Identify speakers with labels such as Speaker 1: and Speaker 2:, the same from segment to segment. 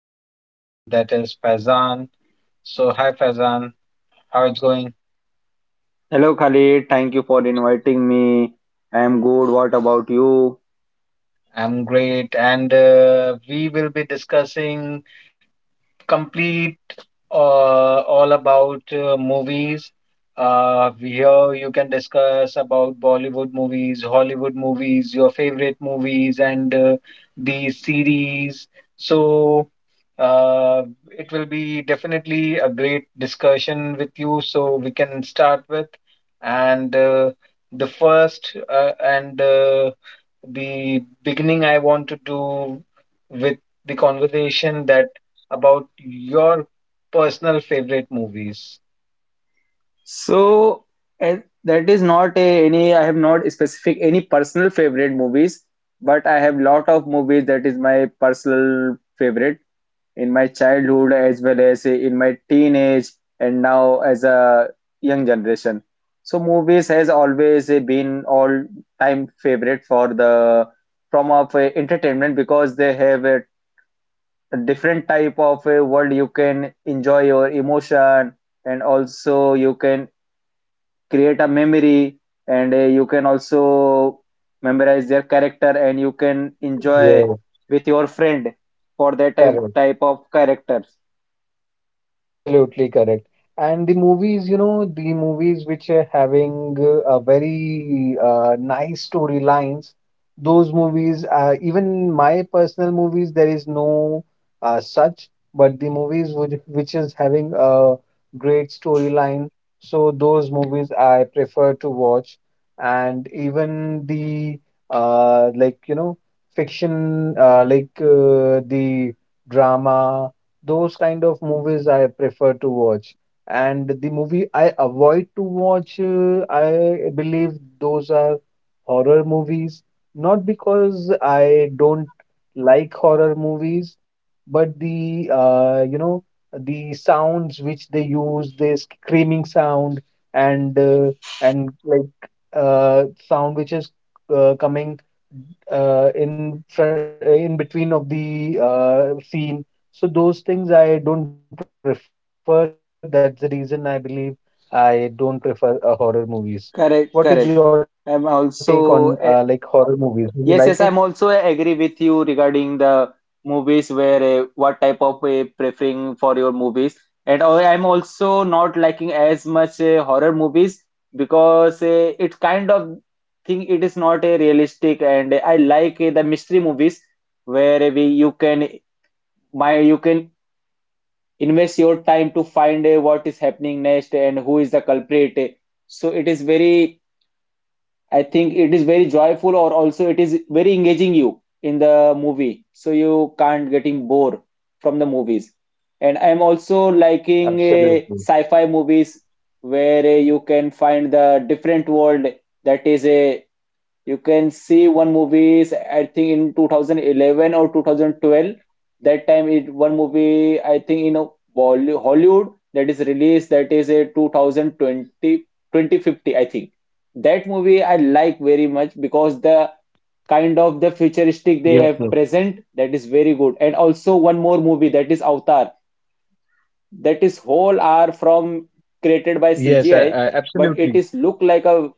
Speaker 1: Friend of mine that is Faizan. So, hi Faizan, how it's going?
Speaker 2: Hello Khalid, thank you for inviting me. I am good. What about you?
Speaker 1: I'm great, and we will be discussing complete all about movies. Here you can discuss about Bollywood movies, Hollywood movies, your favorite movies, and the series. So uh, it will be definitely a great discussion with you. So we can start with and the first and the beginning I want to do with the conversation that about your personal favorite movies.
Speaker 2: So eh, that is not any. I have not specific any personal favorite movies, but I have lot of movies that is my personal favorite in my childhood as well as in my teenage and now as a young generation. So movies has always been all time favorite for the from of entertainment because they have a different type of a world you can enjoy your emotion, and also you can create a memory and you can also memorize their character and you can enjoy
Speaker 1: Yes,
Speaker 2: with your friend for that type
Speaker 1: correct.
Speaker 2: type of characters.
Speaker 1: Absolutely correct. And the movies, you know, the movies which are having a very nice storylines, those movies, even my personal movies, there is no such, but the movies which is having a great storyline, so those movies I prefer to watch. And even the like, you know, fiction, the drama, those kind of movies I prefer to watch. And the movie I avoid to watch, I believe those are horror movies. Not because I don't like horror movies, but the you know, the sounds which they use, the screaming sound and uh, and like sound which is coming in fr in between of the scene, so those things I don't prefer. That's the reason I believe I don't prefer horror movies. What is your take on
Speaker 2: Correct,
Speaker 1: like horror
Speaker 2: correct.
Speaker 1: movies? Do you
Speaker 2: I'm
Speaker 1: like it?
Speaker 2: also yes, yes, I'm also agree with you regarding the movies where what type of preferring for your movies. And I'm also not liking as much horror movies because it kind of thing, it is not a realistic. And I like the mystery movies where we you can my you can invest your time to find what is happening next and who is the culprit. So it is very, I think it is very joyful, or also it is very engaging you in the movie. So you can't getting bored from the movies. And I'm also
Speaker 1: Absolutely.
Speaker 2: liking sci-fi movies where you can find the different world. That is a, you can see one movie I think in 2011 or 2012. That time it one movie I think in a Hollywood that is released, that is a 2020 2050 I think. That movie I
Speaker 1: Yes,
Speaker 2: like
Speaker 1: yes.
Speaker 2: very much because the kind of the futuristic they have present, that is very good. And also one more movie, that is Avatar. That
Speaker 1: Yes,
Speaker 2: is
Speaker 1: I
Speaker 2: whole are
Speaker 1: absolutely
Speaker 2: from created by CGI, but it is look like
Speaker 1: correct.
Speaker 2: a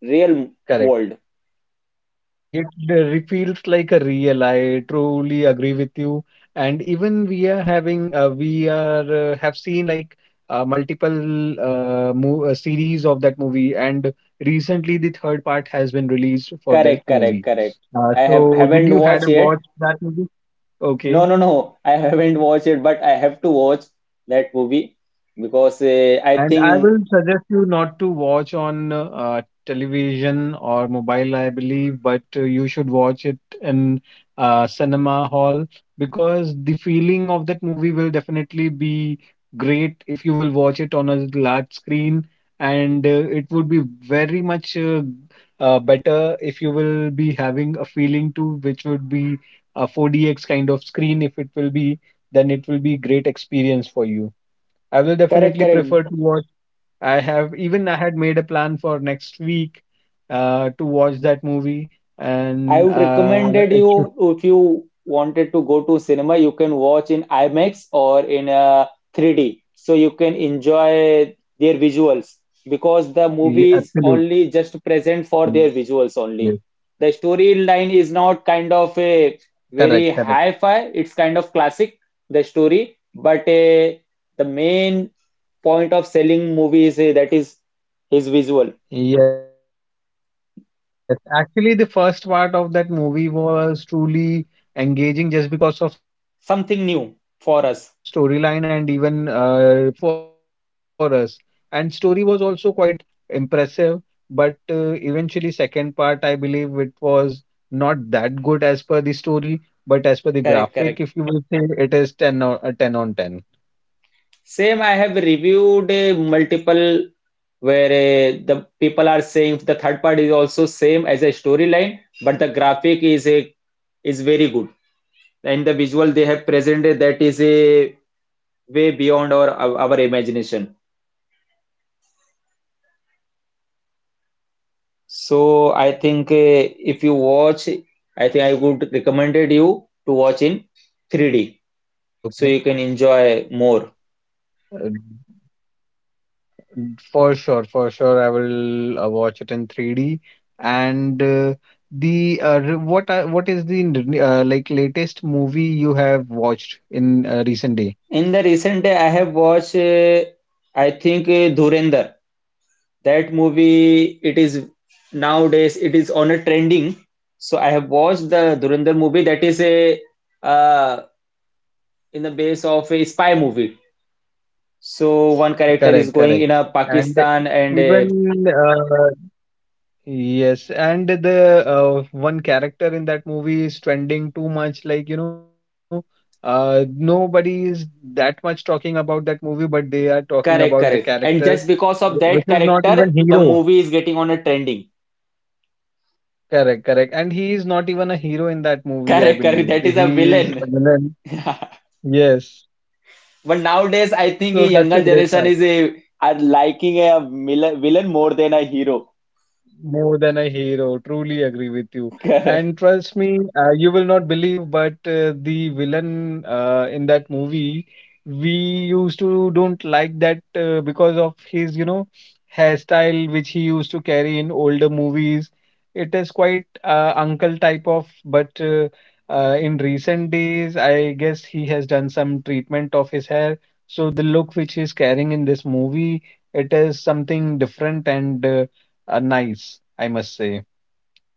Speaker 2: real world.
Speaker 1: It feels like a real. I truly agree with you. And even we are having, we are have seen like multiple mo series of that movie, and recently the third part has been released for that
Speaker 2: Correct,
Speaker 1: movie.
Speaker 2: correct, correct. I
Speaker 1: So
Speaker 2: have
Speaker 1: did you
Speaker 2: haven't
Speaker 1: had a
Speaker 2: watched
Speaker 1: watch
Speaker 2: yet.
Speaker 1: that movie? Okay.
Speaker 2: No, no, no. I haven't watched it, but I have to watch that movie because I
Speaker 1: And I
Speaker 2: think
Speaker 1: will suggest you not to watch on television or mobile, I believe, but you should watch it in cinema hall because the feeling of that movie will definitely be great if you will watch it on a large screen. And it would be very much better if you will be having a feeling too, which would be a 4DX kind of screen. If it will be, then it will be great experience for you. I will
Speaker 2: correct,
Speaker 1: definitely
Speaker 2: correct.
Speaker 1: prefer to watch. I have even I had made a plan for next week to watch that movie,
Speaker 2: I
Speaker 1: and
Speaker 2: would recommended
Speaker 1: it should,
Speaker 2: you, if you wanted to go to cinema, you can watch in IMAX or in 3D, so you can enjoy their visuals because the movie is only just present for
Speaker 1: yeah,
Speaker 2: their visuals
Speaker 1: absolutely yes.
Speaker 2: only. The storyline is not kind of a
Speaker 1: Correct,
Speaker 2: very
Speaker 1: correct.
Speaker 2: hi-fi; it's kind of classic the story, but the main point of selling movie is that is his visual,
Speaker 1: Yes, actually, the first part of that movie was truly engaging just because of storyline
Speaker 2: something
Speaker 1: and
Speaker 2: new
Speaker 1: even
Speaker 2: for us.
Speaker 1: for that graphic as well. Yes, it was completely new for us, was also quite impressive. But eventually, second part, I believe it was not that good as per the
Speaker 2: Correct,
Speaker 1: story,
Speaker 2: correct.
Speaker 1: but as per the graphic, if you will say, it is 10 or 10 on
Speaker 2: Same,
Speaker 1: 10.
Speaker 2: I have reviewed multiple where the people are saying the third part is also same as a storyline, but the graphic is a, is very good, and the visual they have presented, that is a way beyond our imagination. So I think if you watch, I think I would recommended you to watch in 3D so you can enjoy
Speaker 1: Okay.
Speaker 2: more.
Speaker 1: Uh, for sure, I will watch it in 3D. And the what are, what is the like latest movie you have watched in recent day?
Speaker 2: In the recent day, I have watched. I think Dhurandhar. That movie, it is nowadays it is on a trending. So I have watched the Dhurandhar movie. That is a uh, in the base of a spy movie. So one character
Speaker 1: Correct,
Speaker 2: is
Speaker 1: correct.
Speaker 2: going in a
Speaker 1: And
Speaker 2: Pakistan and a
Speaker 1: even, yes, and the one character in that movie is trending too much. Like you know, nobody is that much talking about that movie, but they are talking about
Speaker 2: correct,
Speaker 1: the
Speaker 2: correct. And
Speaker 1: character,
Speaker 2: just because of
Speaker 1: which
Speaker 2: that
Speaker 1: is not
Speaker 2: character,
Speaker 1: even
Speaker 2: the
Speaker 1: hero.
Speaker 2: movie is getting on a trending.
Speaker 1: Correct, correct. And he is not even a hero in that movie, I
Speaker 2: Correct, correct. That
Speaker 1: believe.
Speaker 2: is a
Speaker 1: He is
Speaker 2: villain.
Speaker 1: a villain. Yes.
Speaker 2: But nowadays, I think a younger
Speaker 1: So that's a
Speaker 2: generation
Speaker 1: great.
Speaker 2: is a are liking a villain more than a hero.
Speaker 1: More than a hero, truly agree with you.
Speaker 2: Correct.
Speaker 1: And trust me, you will not believe, but the villain in that movie, we used to don't like that because of his, you know, hairstyle he used to carry in older movies. It is quite uncle type of, but in recent days, I guess he has done some treatment of his hair. So the look which he's carrying in this movie, it is something different and nice, I must say.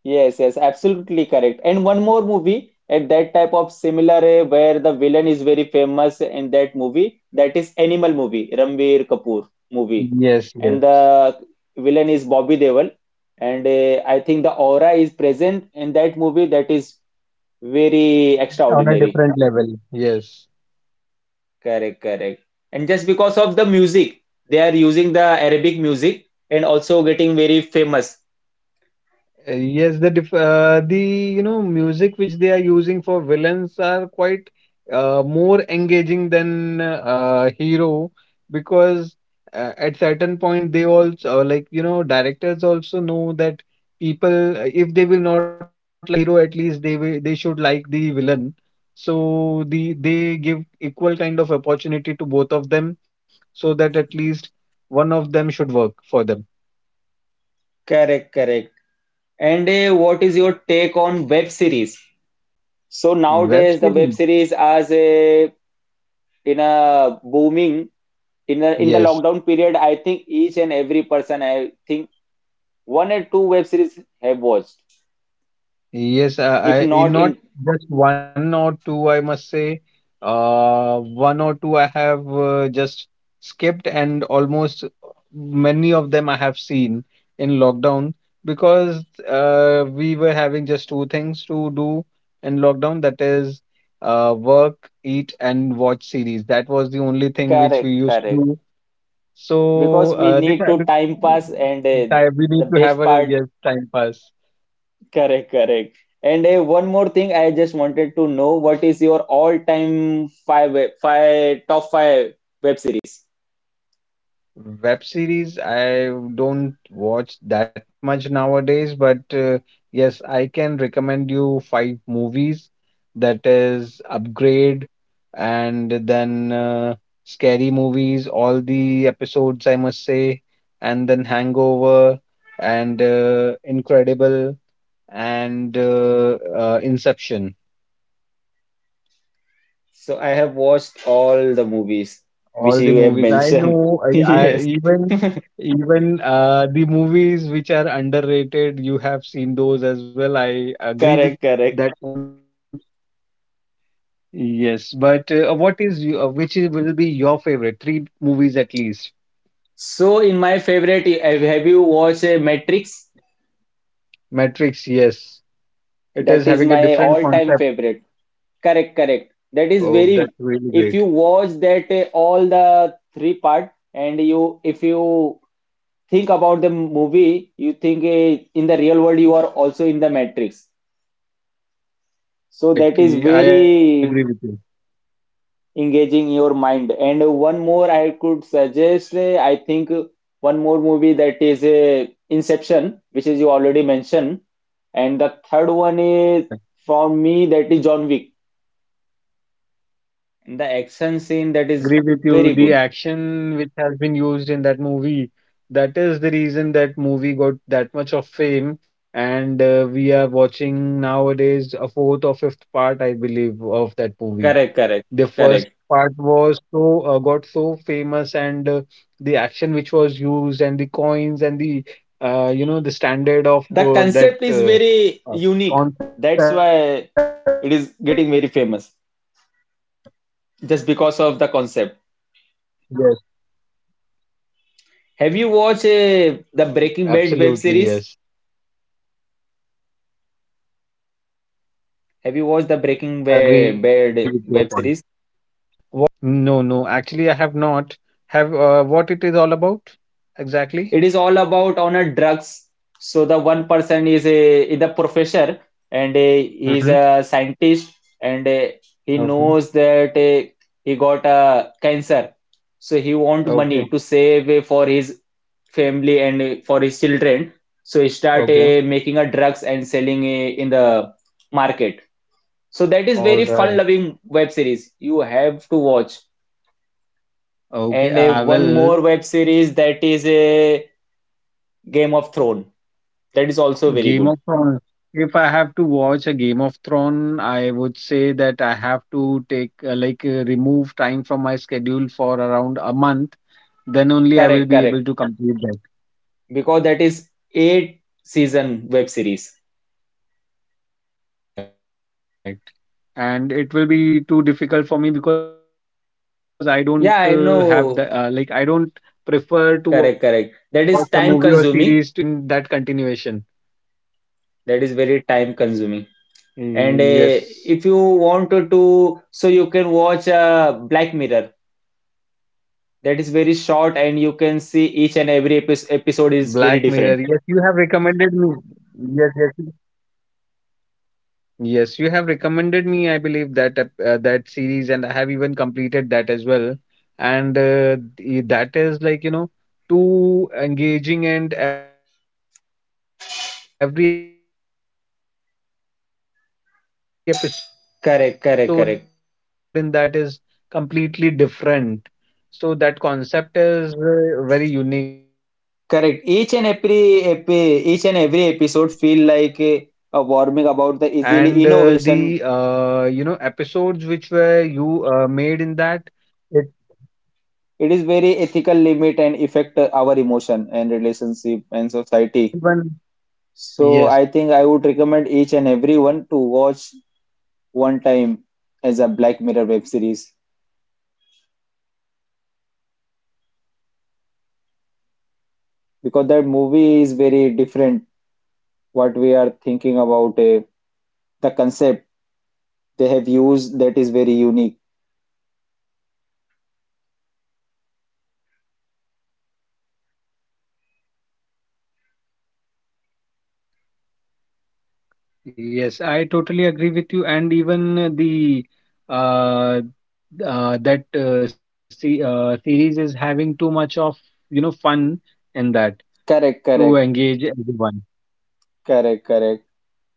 Speaker 2: Yes, yes, absolutely correct. And one more movie at that type of similar, where the villain is very famous in that movie, that is Animal movie, Ranbir Kapoor movie.
Speaker 1: Yes,
Speaker 2: And
Speaker 1: yes,
Speaker 2: the villain is Bobby Deol. And I think the aura is present in that movie, that is very
Speaker 1: on a
Speaker 2: extraordinary.
Speaker 1: different level. Yes.
Speaker 2: Correct, correct. And just because of the music, they are using the Arabic music and also getting very famous.
Speaker 1: Yes, the diff the, you know, music which they are using for villains are quite more engaging than hero, because at certain point they also like, you know, directors also know that people, if they will not like hero, at least they should like the villain, so they give equal kind of opportunity to both of them, so that at least one of them should work for them.
Speaker 2: Correct, correct. And what is your take on web series? So
Speaker 1: Web
Speaker 2: nowadays the
Speaker 1: series,
Speaker 2: web series as a in a booming in in the
Speaker 1: yes.
Speaker 2: lockdown period, I think each and every person I think one or two web series have watched.
Speaker 1: Yes, I
Speaker 2: If
Speaker 1: in
Speaker 2: not
Speaker 1: not
Speaker 2: in
Speaker 1: just one or two, I must say, one or two I have just skipped, and almost many of them I have seen in lockdown because we were having just two things to do in lockdown, that is, work, eat, and watch series. That was the only thing which we
Speaker 2: correct,
Speaker 1: used to
Speaker 2: correct.
Speaker 1: do. So,
Speaker 2: Because we need to time pass and
Speaker 1: the time we need
Speaker 2: the
Speaker 1: to have
Speaker 2: best
Speaker 1: a,
Speaker 2: part
Speaker 1: yes, time pass.
Speaker 2: correct, correct. And one more thing I just wanted to know, what is your all time five top five web series?
Speaker 1: Web series, I don't watch that much nowadays, but yes, I can recommend you five movies. That is Upgrade, and then Scary Movies, all the episodes, I must say, and then Hangover, and Incredible, and Inception.
Speaker 2: So I have watched all the movies which
Speaker 1: All the
Speaker 2: you have
Speaker 1: movies I
Speaker 2: mentioned.
Speaker 1: know, I
Speaker 2: Yes,
Speaker 1: even, even the movies which are underrated, you have seen those as well. I agree with
Speaker 2: correct, correct.
Speaker 1: that point. Yes, but what is you- which is, will be your favorite? Three movies at least.
Speaker 2: So in my favorite, have you watched Matrix?
Speaker 1: Matrix, yes, it
Speaker 2: That
Speaker 1: is
Speaker 2: is
Speaker 1: having a
Speaker 2: my
Speaker 1: different
Speaker 2: all-time
Speaker 1: concept.
Speaker 2: favorite. Correct, correct.
Speaker 1: Oh,
Speaker 2: That is
Speaker 1: that's really
Speaker 2: very.
Speaker 1: great.
Speaker 2: If you watch that all the three part, and you if you think about the movie, you think in the real world you are also in the Matrix. So that
Speaker 1: Correct.
Speaker 2: is
Speaker 1: I agree with you.
Speaker 2: very engaging your mind. And one more I could suggest, I think one more movie, that is Inception, which is you already mentioned. And the third one
Speaker 1: Mm, correct.
Speaker 2: is for me, that is John Wick. And the action scene,
Speaker 1: Yes,
Speaker 2: that
Speaker 1: I
Speaker 2: is
Speaker 1: agree with you.
Speaker 2: very
Speaker 1: The
Speaker 2: good.
Speaker 1: action which has been used in that movie, that is the reason that movie got that much of fame. And we are watching nowadays a fourth or fifth part, I believe, of that movie.
Speaker 2: Correct, correct,
Speaker 1: The first
Speaker 2: correct.
Speaker 1: part was so got so famous, and the action which was used, and the coins, and the you know the standard of
Speaker 2: The
Speaker 1: uh, that
Speaker 2: concept is
Speaker 1: uh,
Speaker 2: very
Speaker 1: uh,
Speaker 2: unique.
Speaker 1: concept.
Speaker 2: That's
Speaker 1: Yes,
Speaker 2: why it is getting very famous, just because of the
Speaker 1: absolutely. Yes,
Speaker 2: concept. Have you watched
Speaker 1: agree with your
Speaker 2: the
Speaker 1: point.
Speaker 2: Breaking Bad web series?
Speaker 1: No, I have not actually. What it
Speaker 2: Have
Speaker 1: is
Speaker 2: you
Speaker 1: all
Speaker 2: watched the
Speaker 1: about?
Speaker 2: Bad web series?
Speaker 1: No, no, actually, I have not. Have what it is all about exactly?
Speaker 2: It is all about on a drugs. So the one person is a, is a professor, and a, he is
Speaker 1: Mm-hmm.
Speaker 2: a scientist, and he
Speaker 1: Okay,
Speaker 2: knows that he got a cancer. So he want money
Speaker 1: okay,
Speaker 2: to save for his family and for his children. So he start
Speaker 1: okay.
Speaker 2: making a drugs and selling in the market. So that is very
Speaker 1: All
Speaker 2: fun
Speaker 1: right.
Speaker 2: loving web series, you have to watch.
Speaker 1: Okay,
Speaker 2: And
Speaker 1: I
Speaker 2: one
Speaker 1: will.
Speaker 2: more web series, that is a Game of Thrones. That is also very
Speaker 1: Game
Speaker 2: good.
Speaker 1: of Thrones. If I have to watch a Game of Thrones, I would say that I have to take remove time from my schedule for around a month. Then only I will
Speaker 2: Correct,
Speaker 1: be
Speaker 2: correct.
Speaker 1: able to complete that.
Speaker 2: Because that is eight season web series.
Speaker 1: Correct. And it will be too difficult for me because I don't have the I don't
Speaker 2: Yeah, I
Speaker 1: prefer to watch
Speaker 2: know.
Speaker 1: a movie or series to, in that
Speaker 2: Correct, correct.
Speaker 1: continuation.
Speaker 2: That is time consuming. That is very
Speaker 1: Yes,
Speaker 2: time consuming. And if you wanted to, so you can watch Black Mirror. That is
Speaker 1: Black
Speaker 2: very
Speaker 1: Mirror.
Speaker 2: short,
Speaker 1: Yes,
Speaker 2: and you can see each and every episode is very different.
Speaker 1: you have recommended me. Yes, yes, yes, you have recommended me, I believe, that that series, and I have even completed that as well. And that is like, you know, too
Speaker 2: Correct, correct,
Speaker 1: engaging, and
Speaker 2: correct,
Speaker 1: every episode in that is completely different. So that concept is very unique, I believe.
Speaker 2: correct. Each and every each and every episode feel like a warming about the easily
Speaker 1: And
Speaker 2: innovation.
Speaker 1: the you know, episodes which were you made in that, it
Speaker 2: It is very ethical limit and affect our emotion and relationship and society. So
Speaker 1: yes,
Speaker 2: I think I
Speaker 1: exactly.
Speaker 2: would
Speaker 1: It is
Speaker 2: recommend each and
Speaker 1: completely unique.
Speaker 2: everyone to
Speaker 1: Every
Speaker 2: watch
Speaker 1: episode is completely
Speaker 2: one
Speaker 1: unique.
Speaker 2: time
Speaker 1: You
Speaker 2: as a
Speaker 1: can't
Speaker 2: Black Mirror
Speaker 1: even,
Speaker 2: web series
Speaker 1: yes,
Speaker 2: because that movie is very different what we are thinking about. The concept they have used, that is very unique.
Speaker 1: yes, I totally agree with you. And even the uh, that se series is having too much of, you know, fun in that
Speaker 2: Correct,
Speaker 1: to
Speaker 2: correct,
Speaker 1: engage everyone.
Speaker 2: correct, correct.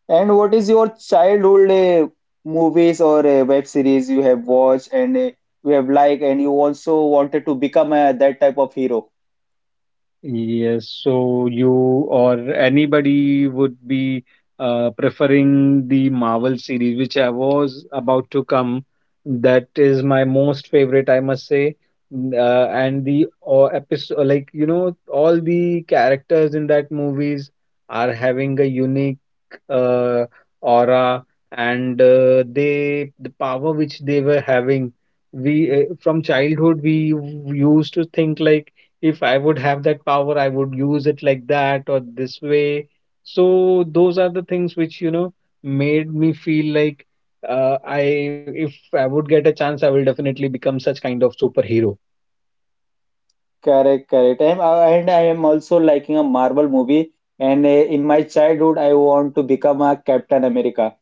Speaker 2: And what is your childhood movies or web series you have watched and you have liked, and you also wanted to become that type of hero?
Speaker 1: Yes, so you or anybody would be preferring the Marvel series, which I was about to come. That is my most favorite, I must say. And the episode, like, you know, all the characters in that movies are having a unique uh, aura, and the power which they were having. We From childhood we used to think like, if I would have that power, I would use it like that or this way. So those are the things which, you know, made me feel like uh, I, if I would get a chance, I will definitely become such kind of superhero.
Speaker 2: Correct, correct. I'm, and I am also liking a Marvel movie. And in my childhood, I want to become a Captain America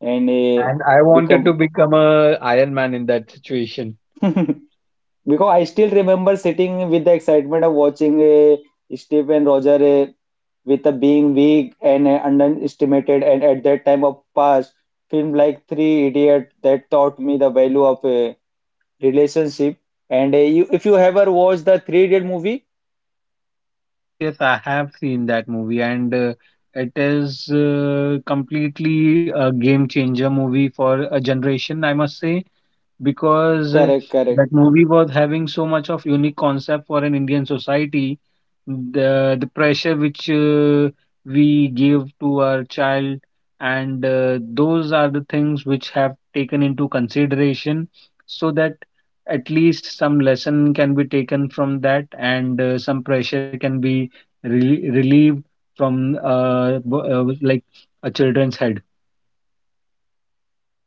Speaker 2: and
Speaker 1: And I wanted to
Speaker 2: become
Speaker 1: become a Iron Man in that situation.
Speaker 2: because I still remember sitting with the excitement of watching Steve and Roger with a being weak and underestimated. And at that time of past, film like Three Idiot that taught me the value of a relationship. And you, if you ever watched the Three Idiot movie,
Speaker 1: Yes, yes, I have seen that movie, and it is completely a game changer movie for a generation, I must say because
Speaker 2: correct, correct.
Speaker 1: that movie was having so much of unique concept for an Indian society. The pressure which we give to our child, and those are the things which have taken into consideration, so that at least some lesson can be taken from that, and some pressure can be relieved from like a children's head.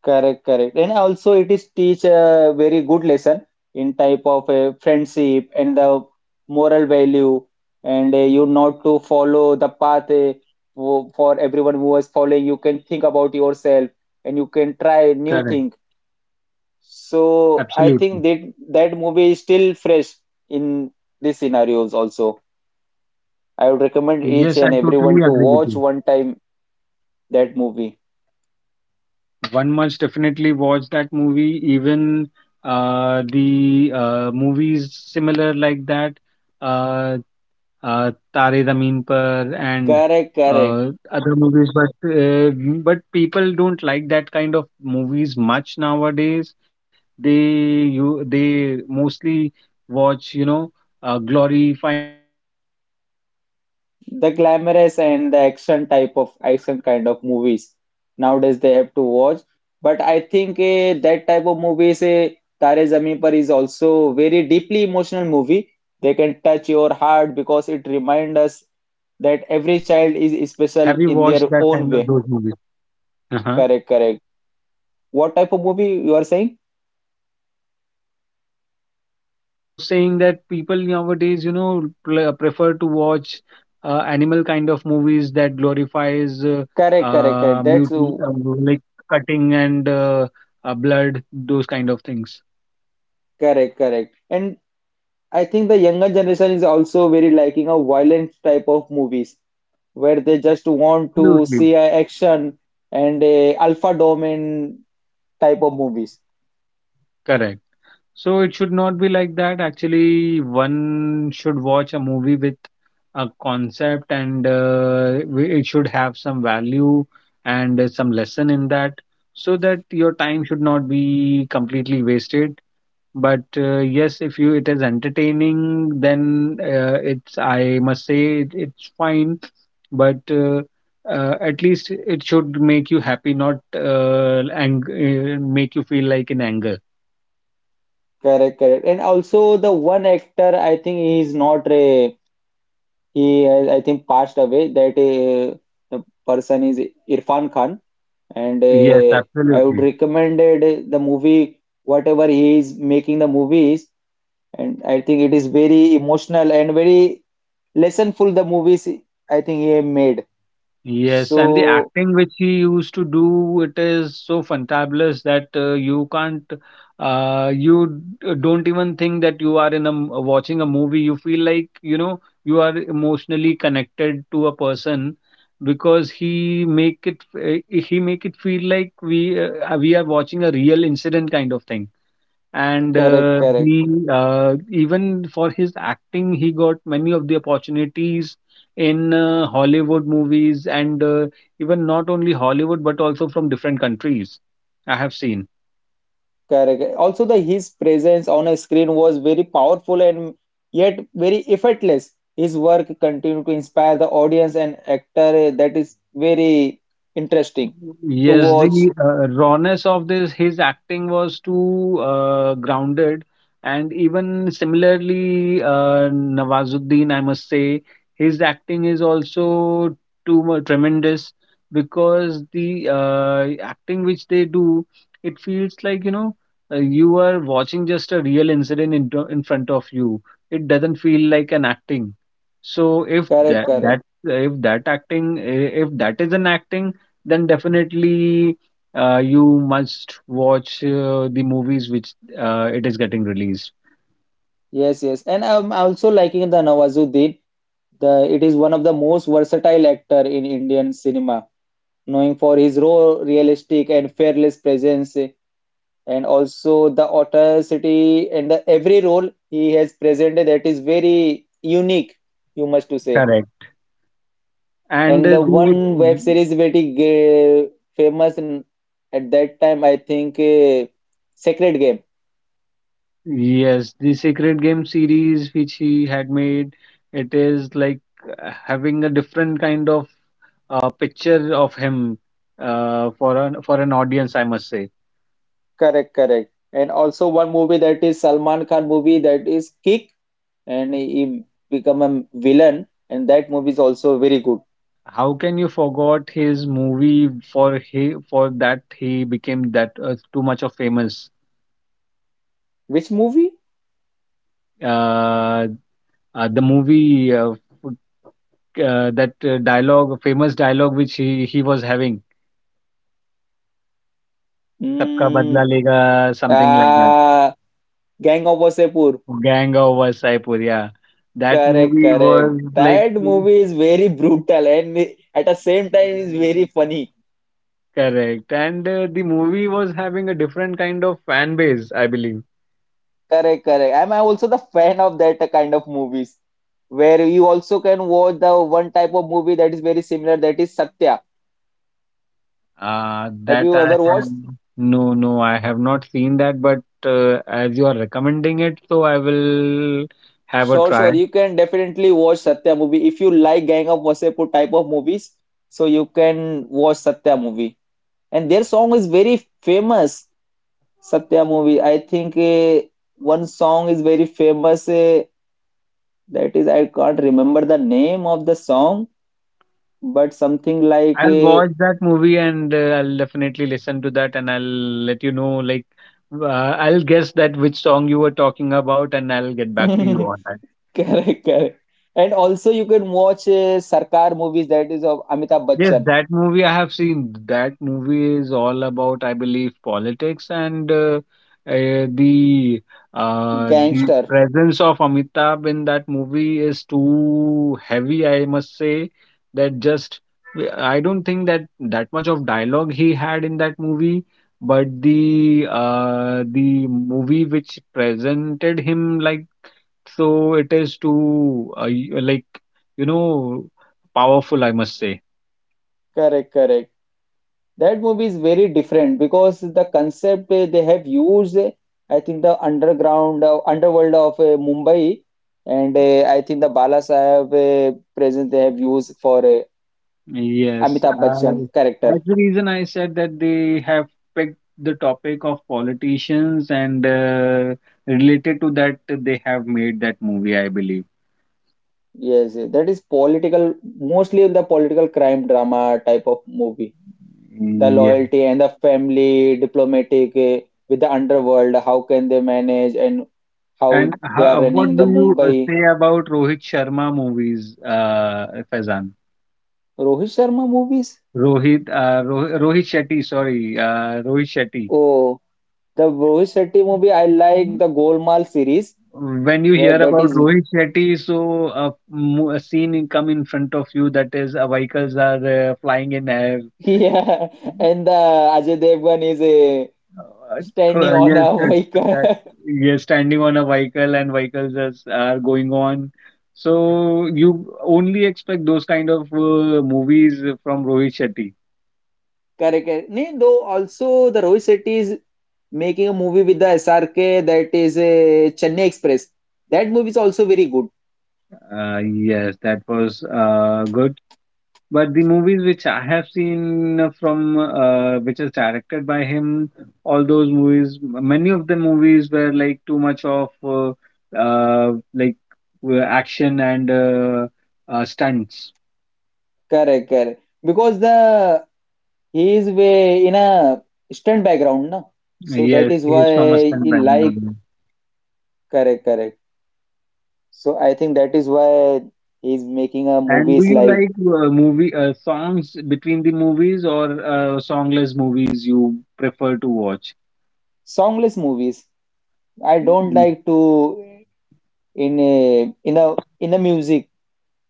Speaker 2: Correct, correct. And also it is teach a very good lesson in type of a friendship and the moral value, and you not to follow the path for everyone who is following. You can think about yourself and you can try new
Speaker 1: Correct.
Speaker 2: thing. So I think
Speaker 1: Absolutely.
Speaker 2: that movie is still fresh in these scenarios also. I would recommend each
Speaker 1: Yes, I
Speaker 2: and everyone
Speaker 1: totally
Speaker 2: to
Speaker 1: agree with
Speaker 2: watch
Speaker 1: you.
Speaker 2: one time that movie.
Speaker 1: One must definitely watch that movie, even the movies similar like that, uh, Tare Zameen Par and
Speaker 2: Correct, correct.
Speaker 1: other movies, but people don't like that kind of movies much nowadays. They mostly watch glorifying kind of fine of
Speaker 2: The
Speaker 1: movies.
Speaker 2: glamorous and the
Speaker 1: So what is your
Speaker 2: action
Speaker 1: take on
Speaker 2: kind
Speaker 1: that?
Speaker 2: of movies nowadays they have to watch. But I think, that type of
Speaker 1: Yes, what is
Speaker 2: movies,
Speaker 1: your take
Speaker 2: Tare
Speaker 1: on
Speaker 2: Zameen Par
Speaker 1: movies
Speaker 2: is
Speaker 1: like
Speaker 2: also very deeply
Speaker 1: Animal
Speaker 2: emotional movie.
Speaker 1: and
Speaker 2: They can
Speaker 1: those
Speaker 2: touch
Speaker 1: kind of
Speaker 2: your
Speaker 1: movies,
Speaker 2: heart because
Speaker 1: Faizan?
Speaker 2: it reminds us that every child is
Speaker 1: Have
Speaker 2: special
Speaker 1: you
Speaker 2: in
Speaker 1: watched
Speaker 2: their
Speaker 1: that
Speaker 2: own
Speaker 1: kind of
Speaker 2: way.
Speaker 1: those movies? Uh-huh.
Speaker 2: Correct, correct. What type of movie you are saying?
Speaker 1: I was saying that people nowadays, you know, prefer to watch animal kind of movies that glorifies
Speaker 2: Correct, correct, correct, that's
Speaker 1: mutant, like cutting and blood, those kind of things.
Speaker 2: correct, correct. And I think the younger generation is also very liking a violent type of movies where they just want to
Speaker 1: Absolutely
Speaker 2: see a action and a alpha domain type of movies.
Speaker 1: correct. So it should not be like that. Actually, one should watch a movie with a concept and it should have some value and some lesson in that so that your time should not be completely wasted. But yes, if you it is entertaining, then it's I must say it's fine. But At least it should make you happy, not make you feel like in anger.
Speaker 2: Correct, correct. And also the one actor, I think he is not a, he has I think passed away. That the person is Irfan Khan, and
Speaker 1: Yes,
Speaker 2: I would
Speaker 1: absolutely.
Speaker 2: recommended the movie whatever he is making the movies, and I think it is very emotional and very lessonful the movies I think he made.
Speaker 1: Yes, and the
Speaker 2: So
Speaker 1: acting which he used to do, it is so fantabulous that you can't, you don't even think that you are in a watching a movie. You feel like, you know, you are emotionally connected to a person because he make it, he make it feel like we are watching a real incident kind of thing. And
Speaker 2: correct, correct.
Speaker 1: he even for his acting he got many of the opportunities in Hollywood movies and even not only Hollywood but also from different countries I have seen.
Speaker 2: Correct. Also, the his presence on a screen was very powerful and yet very effortless. His work continued to inspire the audience and actor. That is very interesting to
Speaker 1: Yes,
Speaker 2: watch.
Speaker 1: the rawness of this, his acting was too grounded, and even similarly, Nawazuddin, I must say, his acting is also too mu tremendous because the acting which they do, it feels like you know you are watching just a real incident in front of you. It doesn't feel like an acting. So
Speaker 2: Correct, correct.
Speaker 1: if that acting, if that is an acting, then definitely you must watch the movies which it is getting released.
Speaker 2: Yes, yes. And I'm also liking the Nawazuddin. The it is one of the most versatile actor in Indian cinema, knowing for his raw, realistic, and fearless presence. And also the authenticity and the every role he has presented that is very unique, you must to say.
Speaker 1: Correct. And
Speaker 2: And the
Speaker 1: the
Speaker 2: one web series very famous at that time, I think Sacred Game.
Speaker 1: Yes, the Sacred Game series which he had made, it is like having a different kind of picture of him for an audience, I must say.
Speaker 2: Correct, correct. And also one movie that is Salman Khan movie, that is Kick, and he become a villain and that movie is also very good.
Speaker 1: How can you forgot his movie for he for that he became that too much of famous?
Speaker 2: Which movie?
Speaker 1: Uh, the movie that dialogue, famous dialogue which he was having, "Sabka
Speaker 2: mm,
Speaker 1: Badla Lega," something like that.
Speaker 2: uh, Gang of Wasseypur.
Speaker 1: Gang of Wasaipur, yeah. That
Speaker 2: Correct,
Speaker 1: movie
Speaker 2: correct.
Speaker 1: was like
Speaker 2: That movie is very brutal and at the same time is very funny.
Speaker 1: correct, and the movie was having a different kind of fan base, I believe.
Speaker 2: Correct, correct. I'm also the fan of that kind of movies where you also can watch the one type of movie that is very similar, that is Satya. Have
Speaker 1: That
Speaker 2: you
Speaker 1: I
Speaker 2: ever
Speaker 1: have
Speaker 2: watched?
Speaker 1: no, no, I have not seen that, but as you are recommending it, so I will have a
Speaker 2: Sure,
Speaker 1: try.
Speaker 2: sure. You can definitely watch Satya movie if you like Gang of Wasseypur type of movies. So you can watch Satya movie, and their song is very famous. Satya movie. I think one song is very famous. That is, I can't remember the name of the song, but something like
Speaker 1: I'll
Speaker 2: a
Speaker 1: watch that movie and I'll definitely listen to that and I'll let you know like I'll guess that which song you were talking about and I'll get back to you on
Speaker 2: correct,
Speaker 1: that.
Speaker 2: correct. And also, you can watch a Sarkar movies, that is of Amitabh
Speaker 1: Yes,
Speaker 2: Bachchan,
Speaker 1: that movie I have seen. That movie is all about, I believe, politics and uh, the the
Speaker 2: Gangster.
Speaker 1: presence of Amitabh in that movie is too heavy, I must say. That just I don't think that that much of dialogue he had in that movie, but the movie which presented him like so it is too like you know powerful, I must say.
Speaker 2: Correct, correct. That movie is very different because the concept they have used, I think the underground, underworld of Mumbai, and I think the Bala Sahib presence they have used for
Speaker 1: Yes,
Speaker 2: Amitabh Bachchan character.
Speaker 1: that's the reason I said that they have picked the topic of politicians, and related to that, they have made that movie, I believe.
Speaker 2: Yes, yes, that is political, mostly on the political crime drama type of movie. The
Speaker 1: Yeah.
Speaker 2: loyalty and the family, diplomatic with the underworld, how can they manage and how they are running
Speaker 1: What
Speaker 2: the
Speaker 1: do you
Speaker 2: Mumbai.
Speaker 1: say about Rohit Sharma movies, Faizan?
Speaker 2: Rohit Sharma movies?
Speaker 1: Rohit Shetty, sorry, Rohit Shetty.
Speaker 2: Oh, the Rohit Shetty movie, I like the Golmaal series
Speaker 1: When you
Speaker 2: where
Speaker 1: hear
Speaker 2: that
Speaker 1: about
Speaker 2: is
Speaker 1: Rohit Shetty, so a scene come in front of you, that is vehicles are flying in air.
Speaker 2: yeah, and the Ajay Devgn is
Speaker 1: Uh,
Speaker 2: standing
Speaker 1: uh,
Speaker 2: on
Speaker 1: Yes,
Speaker 2: a
Speaker 1: uh,
Speaker 2: vehicle.
Speaker 1: uh, yes, standing on a vehicle and vehicles is, are going on. So you only expect those kind of movies from Rohit Shetty.
Speaker 2: Correct, correct. Nee, though also the Rohit Shetty is making a movie with the SRK, that is a Chennai Express. That movie is also very good.
Speaker 1: Yes, that was good. But the movies which I have seen from which is directed by him, all those movies, many of the movies were like too much of like action and stunts.
Speaker 2: Correct, correct. Because the he is way in a stunt background, na. So
Speaker 1: Yes,
Speaker 2: that is
Speaker 1: he is from a
Speaker 2: why
Speaker 1: Sun
Speaker 2: he like
Speaker 1: background.
Speaker 2: correct, correct. So I think that is why he is making a
Speaker 1: And do
Speaker 2: movies
Speaker 1: you
Speaker 2: like
Speaker 1: like movie songs between the movies or songless movies you prefer to watch?
Speaker 2: songless movies. I don't
Speaker 1: Mm,
Speaker 2: like to in a music.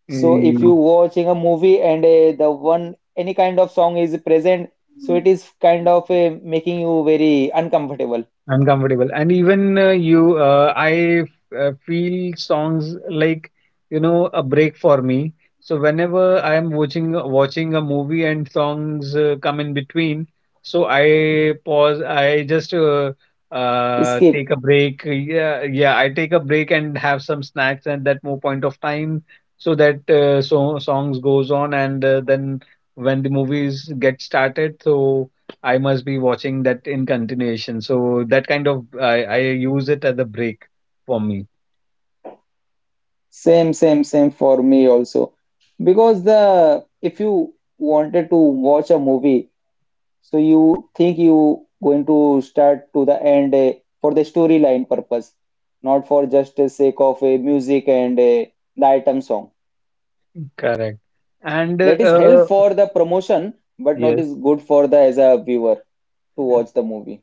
Speaker 2: So if
Speaker 1: mm,
Speaker 2: you watching a movie and the one any kind of song is present, so it is kind of making you very uncomfortable.
Speaker 1: uncomfortable. And even you I feel songs like you know a break for me, so whenever I am watching, watching a movie and songs come in between, so I pause, I just
Speaker 2: Skip.
Speaker 1: take a break. Yeah, yeah, I take a break and have some snacks at that more point of time, so that so songs goes on and then when the movies get started, so I must be watching that in continuation. So that kind of I use it as a break for me.
Speaker 2: Same, same, same for me also. Because the if you wanted to watch a movie, so you think you going to start to the end for the storyline purpose, not for just the sake of music and the item song.
Speaker 1: Correct. And
Speaker 2: That is help for the promotion, but not
Speaker 1: Yes.
Speaker 2: is good for the as a viewer to watch the movie.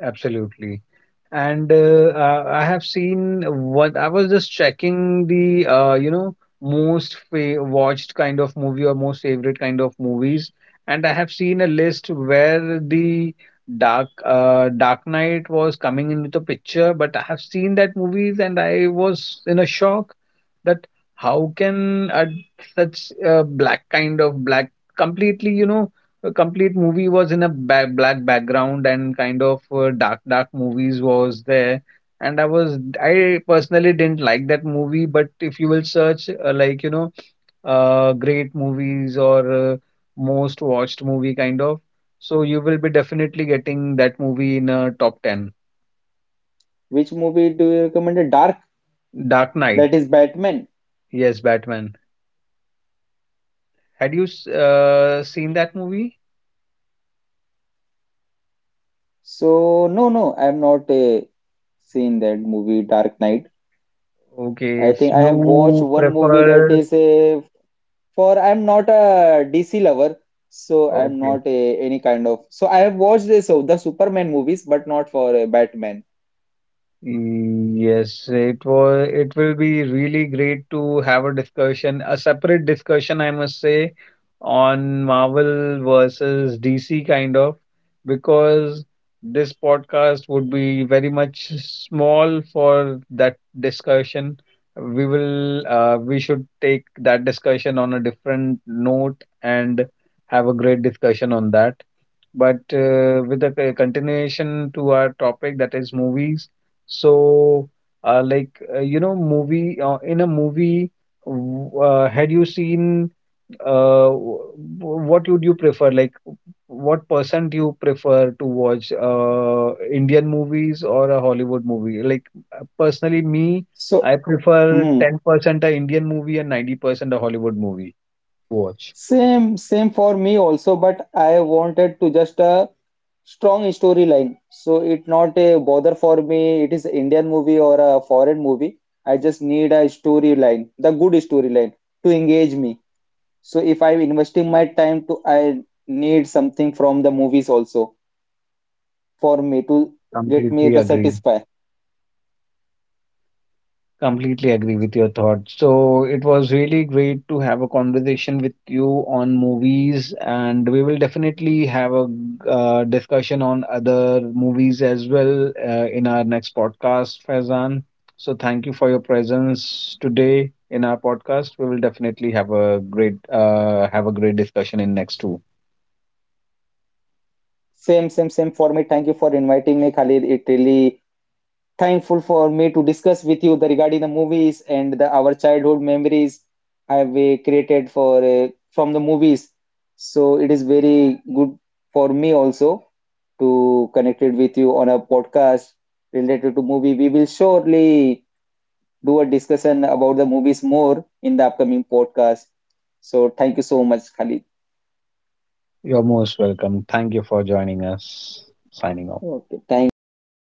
Speaker 1: Absolutely. And I have seen what I was just checking the you know, most watched kind of movie or most favorite kind of movies, and I have seen a list where the Dark Knight was coming into the picture, but I have seen that movies and I was in a shock that how can a, such a black kind of black, completely you know, a complete movie was in a black background and kind of dark dark movies was there. And I personally didn't like that movie, but if you will search like you know, great movies or most watched movie kind of, so you will be definitely getting that movie in a top 10.
Speaker 2: Which movie do you recommend? Dark,
Speaker 1: Dark
Speaker 2: that
Speaker 1: Knight,
Speaker 2: is Batman.
Speaker 1: yes, Batman, had you seen that movie?
Speaker 2: So, no, no, I have not seen that movie, Dark Knight.
Speaker 1: Okay,
Speaker 2: I
Speaker 1: if
Speaker 2: think I have watched
Speaker 1: you
Speaker 2: one movie that
Speaker 1: prefer,
Speaker 2: is a for I'm not a DC lover, so I'm
Speaker 1: okay.
Speaker 2: not a any kind of. So I have watched this of the Superman movies, but not for Batman.
Speaker 1: Mm, yes, it was, it will be really great to have a discussion, a separate discussion, I must say, on Marvel versus DC kind of, because this podcast would be very much small for that discussion. We will we should take that discussion on a different note and have a great discussion on that. But with the continuation to our topic that is movies. So, like you know, movie in a movie, had you seen, uh, w- what would you prefer? Like, what person do you prefer to watch? Indian movies or a Hollywood movie? Like, personally, me,
Speaker 2: So,
Speaker 1: I prefer
Speaker 2: hmm,
Speaker 1: 10% a Indian movie and 90% a Hollywood movie to watch.
Speaker 2: same, same for me also. But I wanted to just Strong storyline. So it not a bother for me. It is Indian movie or a foreign movie. I just need a storyline, the good storyline to engage me. So if I'm investing my time to, I need something from the movies also for me to get me
Speaker 1: Completely
Speaker 2: the
Speaker 1: agree.
Speaker 2: satisfy.
Speaker 1: Completely agree with your thoughts. So it was really great to have a conversation with you on movies, and we will definitely have a discussion on other movies as well in our next podcast, Faizan. So thank you for your presence today in our podcast. We will definitely have a great discussion in next two.
Speaker 2: Same, same, same for me. Thank you for inviting me, Khalid. It really thankful for me to discuss with you the regarding the movies and the our childhood memories have we created for from the movies. So it is very good for me also to connect it with you on a podcast related to movie. We will surely do a discussion about the movies more in the upcoming podcast. So thank you so much, Khalid.
Speaker 1: You're most welcome. Thank you for joining us. Signing off.
Speaker 2: Okay, thank you.